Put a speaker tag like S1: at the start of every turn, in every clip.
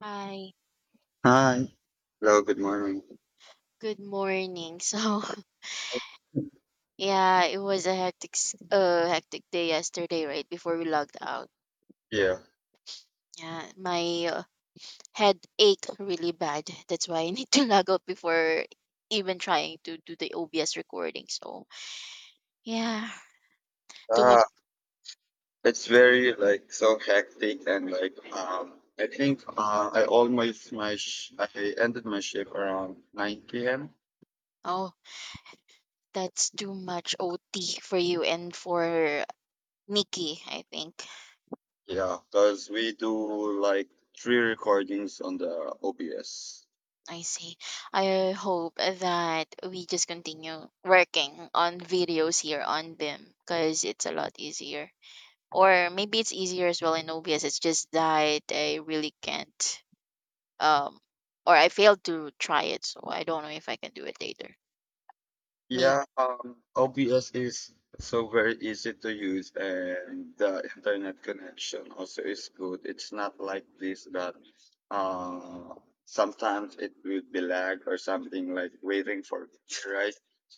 S1: Hi,
S2: Hi. Hello, good morning.
S1: good morning. So, yeah, it was a hectic day yesterday, right before we logged out.
S2: Yeah.
S1: Yeah, my head ached really bad. That's why I need to log out before even trying to do the OBS recording. So, yeah, too
S2: Uh,
S1: much.
S2: it's very so hectic and like I think I almost my sh I ended my shift around 9 p.m.
S1: Oh, that's too much OT for you and for Nikki, I think.
S2: Yeah, because we do like three recordings on the OBS.
S1: I see. I hope that we just continue working on videos here on BIM because it's a lot easier. Or maybe it's easier as well in OBS. It's just that I really can't, um, or I failed to try it, so I don't know if I can do it later. Maybe.
S2: Yeah, OBS is so very easy to use, and the internet connection also is good. It's not like this that uh, sometimes it will be lag or something like waiting for it, right?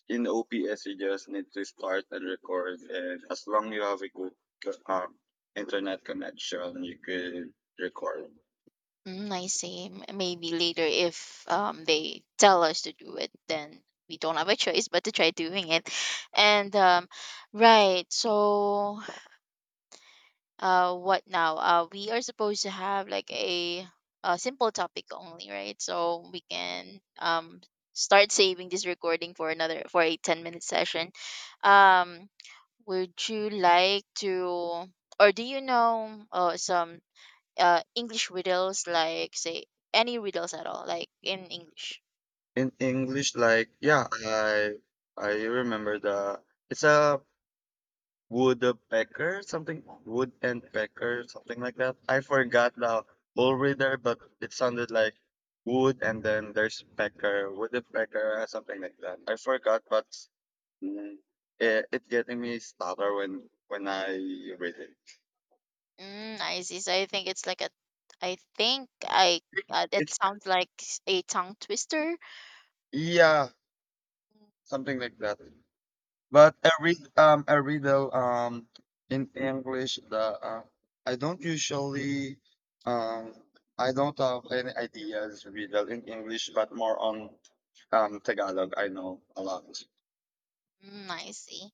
S2: In OBS, you just need to start and record, and as long you have a good co- um, internet connection, you can record.
S1: Mm, I see. Maybe later if they tell us to do it, then we don't have a choice but to try doing it. And right. So what now, we are supposed to have like a simple topic only, right? So we can start saving this recording for another, for a 10-minute session. Um would you like to, or do you know, some English riddles, like say, any riddles at all, like in English?
S2: In English, like yeah, I remember the it's a Woodpecker, something wood and pecker, something like that. I forgot the whole reader, but it sounded like wood and then there's pecker, woodpecker, or something like that. I forgot, but mm, it getting me stutter when I read it.
S1: Mm, I see. So I think it's like a I think I that
S2: It's
S1: sounds like a tongue twister.
S2: yeah, something like that. But I read though in English the I don't usually um I don't have any ideas read though in English but more on Tagalog I know a lot.
S1: Mm, I see.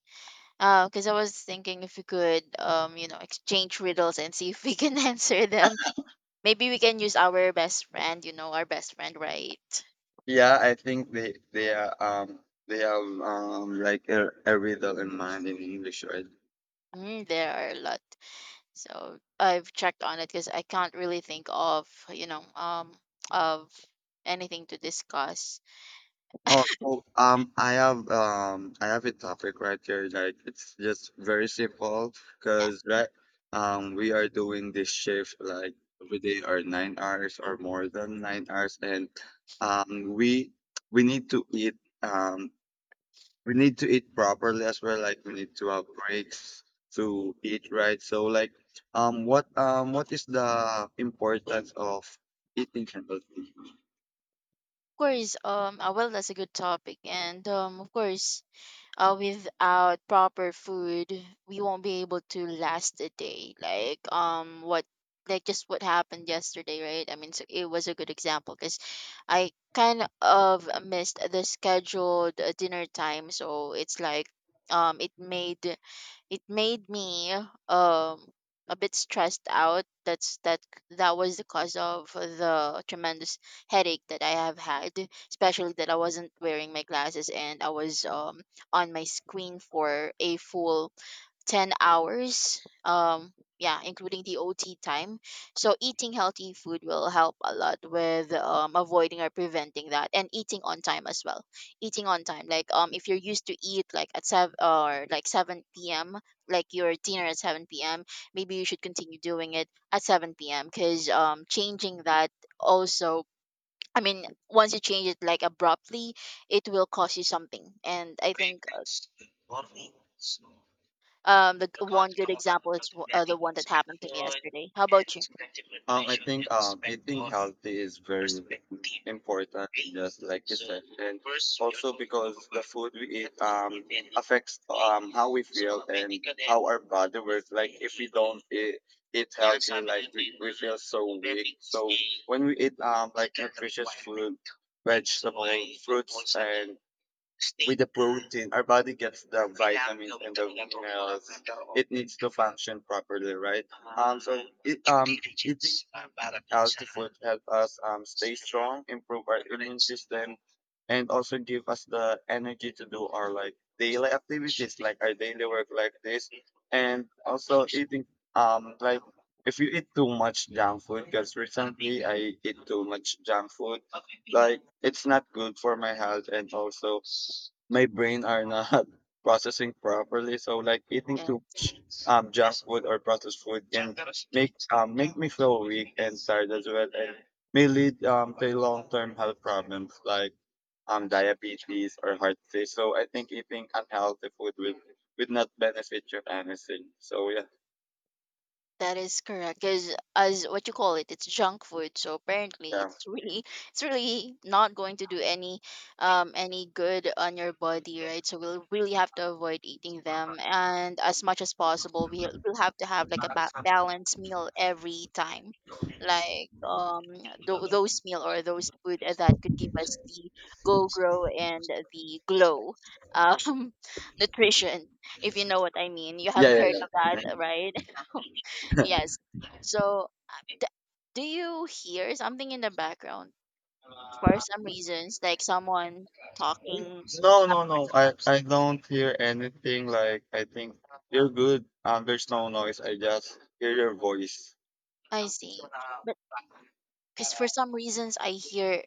S1: Because I was thinking if we could, exchange riddles and see if we can answer them. Maybe we can use our best friend, our best friend, right?
S2: Yeah, I think they are they have like a riddle in mind in English, right?
S1: Mm, there are a lot. So I've checked on it because I can't really think of anything to discuss.
S2: Oh, so I have a topic right here. Like it's just very simple because right, we are doing this shift like every day or 9 hours or more than 9 hours, and um, we we need to eat um, we need to eat properly as well. Like we need to have breaks to eat right. So like what is the importance of eating healthy?
S1: Of course, well, that's a good topic, and of course, without proper food, we won't be able to last a day. Like, what like just what happened yesterday, right? I mean, so it was a good example because I kind of missed the scheduled dinner time, so it's like, um, it made it made me um a bit stressed out. That was the cause of the tremendous headache that I have had, especially that I wasn't wearing my glasses and I was on my screen for a full 10 hours. Yeah, including the OT time. So eating healthy food will help a lot with, avoiding or preventing that, and eating on time as well. Eating on time, like, if you're used to eat like at 7 or like 7 p.m., like your dinner at 7 p.m., maybe you should continue doing it at 7 p.m. because changing that also. I mean, once you change it like abruptly, it will cost you something. And I think, one good example is the one that happened to me yesterday. How about you?
S2: I think eating healthy is very important, just like you said, and also because the food we eat affects how we feel and how our body works. Like if we don't eat, eat healthy, like we feel so weak. So when we eat like nutritious food, vegetables, fruits, and with the protein, our body gets the vitamins and the minerals it needs to function properly, right? So it eating healthy food help us stay strong, improve our immune system, and also give us the energy to do our like daily activities, like our daily work, like this, and also eating um like if you eat too much junk food, because recently I eat too much junk food,
S1: Mm,
S2: like it's not good for my health and also my brain are not processing properly. So like eating too much junk food or processed food can make me feel weak and tired as well and may lead to long term health problems like diabetes or heart disease. So I think eating unhealthy food will would not benefit you anything. So yeah,
S1: that is correct. Because as what you call it, it's junk food. So apparently,
S2: yeah.
S1: it's really, it's really not going to do any good on your body, right? So we'll really have to avoid eating them, and as much as possible, we'll have to have like a balanced meal every time, like, those meal or those food that could give us the go grow and the glow, um, nutrition. If you know what I mean, you
S2: Yeah,
S1: have
S2: yeah,
S1: heard
S2: yeah.
S1: of that,
S2: Mm-hmm.
S1: right? Yes. So, th- do you hear something in the background for some reasons, like someone talking
S2: No,
S1: up
S2: no,
S1: or
S2: no. I
S1: something?
S2: I don't hear anything. Like I think you're good. There's no noise. I just hear your voice.
S1: I see. But because for some reasons I hear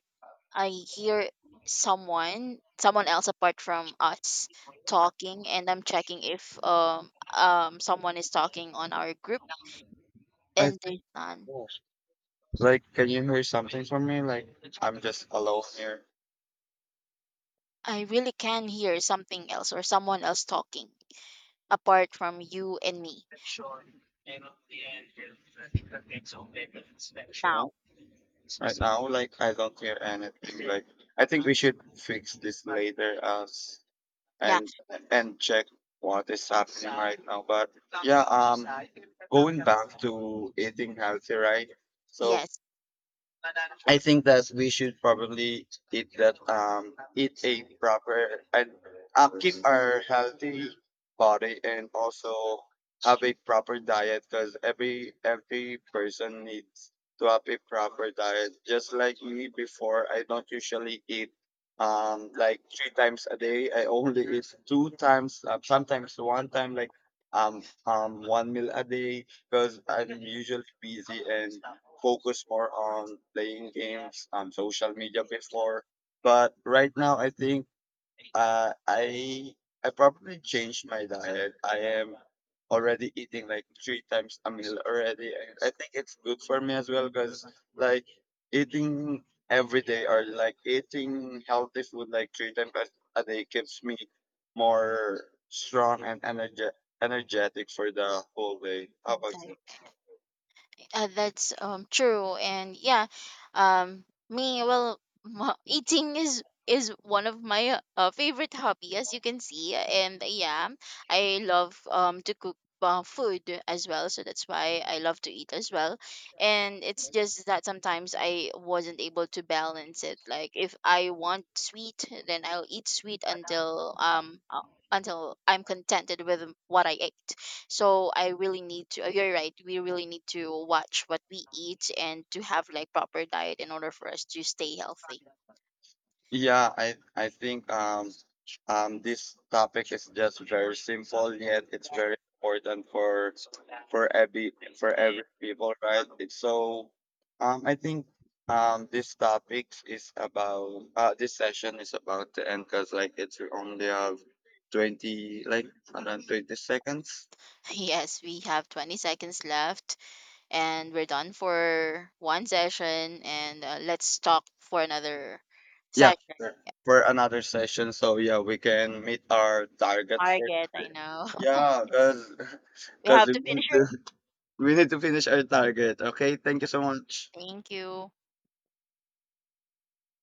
S1: I hear someone else apart from us talking, and I'm checking if someone is talking on our group,
S2: I
S1: and
S2: think,
S1: there's none.
S2: like. Can you hear something from me? Like I'm just alone here.
S1: I really can hear something else or someone else talking apart from you and me
S2: Huh?
S1: now.
S2: Right now, like I don't hear anything. Like I think we should fix this later, as
S1: Yeah.
S2: and and check what is happening right now. But yeah, going back to eating healthy, right? So
S1: Yes.
S2: I think that we should probably eat a proper and keep our healthy body and also have a proper diet because every person needs to have a proper diet. Just like me before, I don't usually eat like three times a day. I only eat two times, sometimes one time like one meal a day because I'm usually busy and focus more on playing games on social media before. But right now, I think uh, I I probably changed my diet. I am already eating like three times a meal already. And I think it's good for me as well because like eating every day or like eating healthy food like three times a day keeps me more strong and energetic for the whole way. How about you?
S1: Inside. That's true, and yeah, me, well, eating is one of my favorite hobby, as you can see, and yeah, I love to cook food as well, so that's why I love to eat as well, and it's just that sometimes I wasn't able to balance it. Like if I want sweet, then I'll eat sweet until I'm contented with what I ate. So I really need to, you're right, we really need to watch what we eat and to have like proper diet in order for us to stay healthy.
S2: Yeah, I think this topic is just very simple yet it's
S1: Yeah.
S2: very important for for every for every people, right? It's so I think this topic is about this session is about to end because like it's we only have twenty like around 20 seconds.
S1: Yes, we have 20 seconds left and we're done for one session, and let's talk for another
S2: Yeah,
S1: session.
S2: sure.
S1: Yeah,
S2: For another session. So yeah, we can meet our target for
S1: target. I
S2: today.
S1: know.
S2: Yeah,
S1: We
S2: because
S1: have
S2: we
S1: to finish
S2: need
S1: her.
S2: to we need to finish our target. Okay, thank you so much.
S1: Thank you.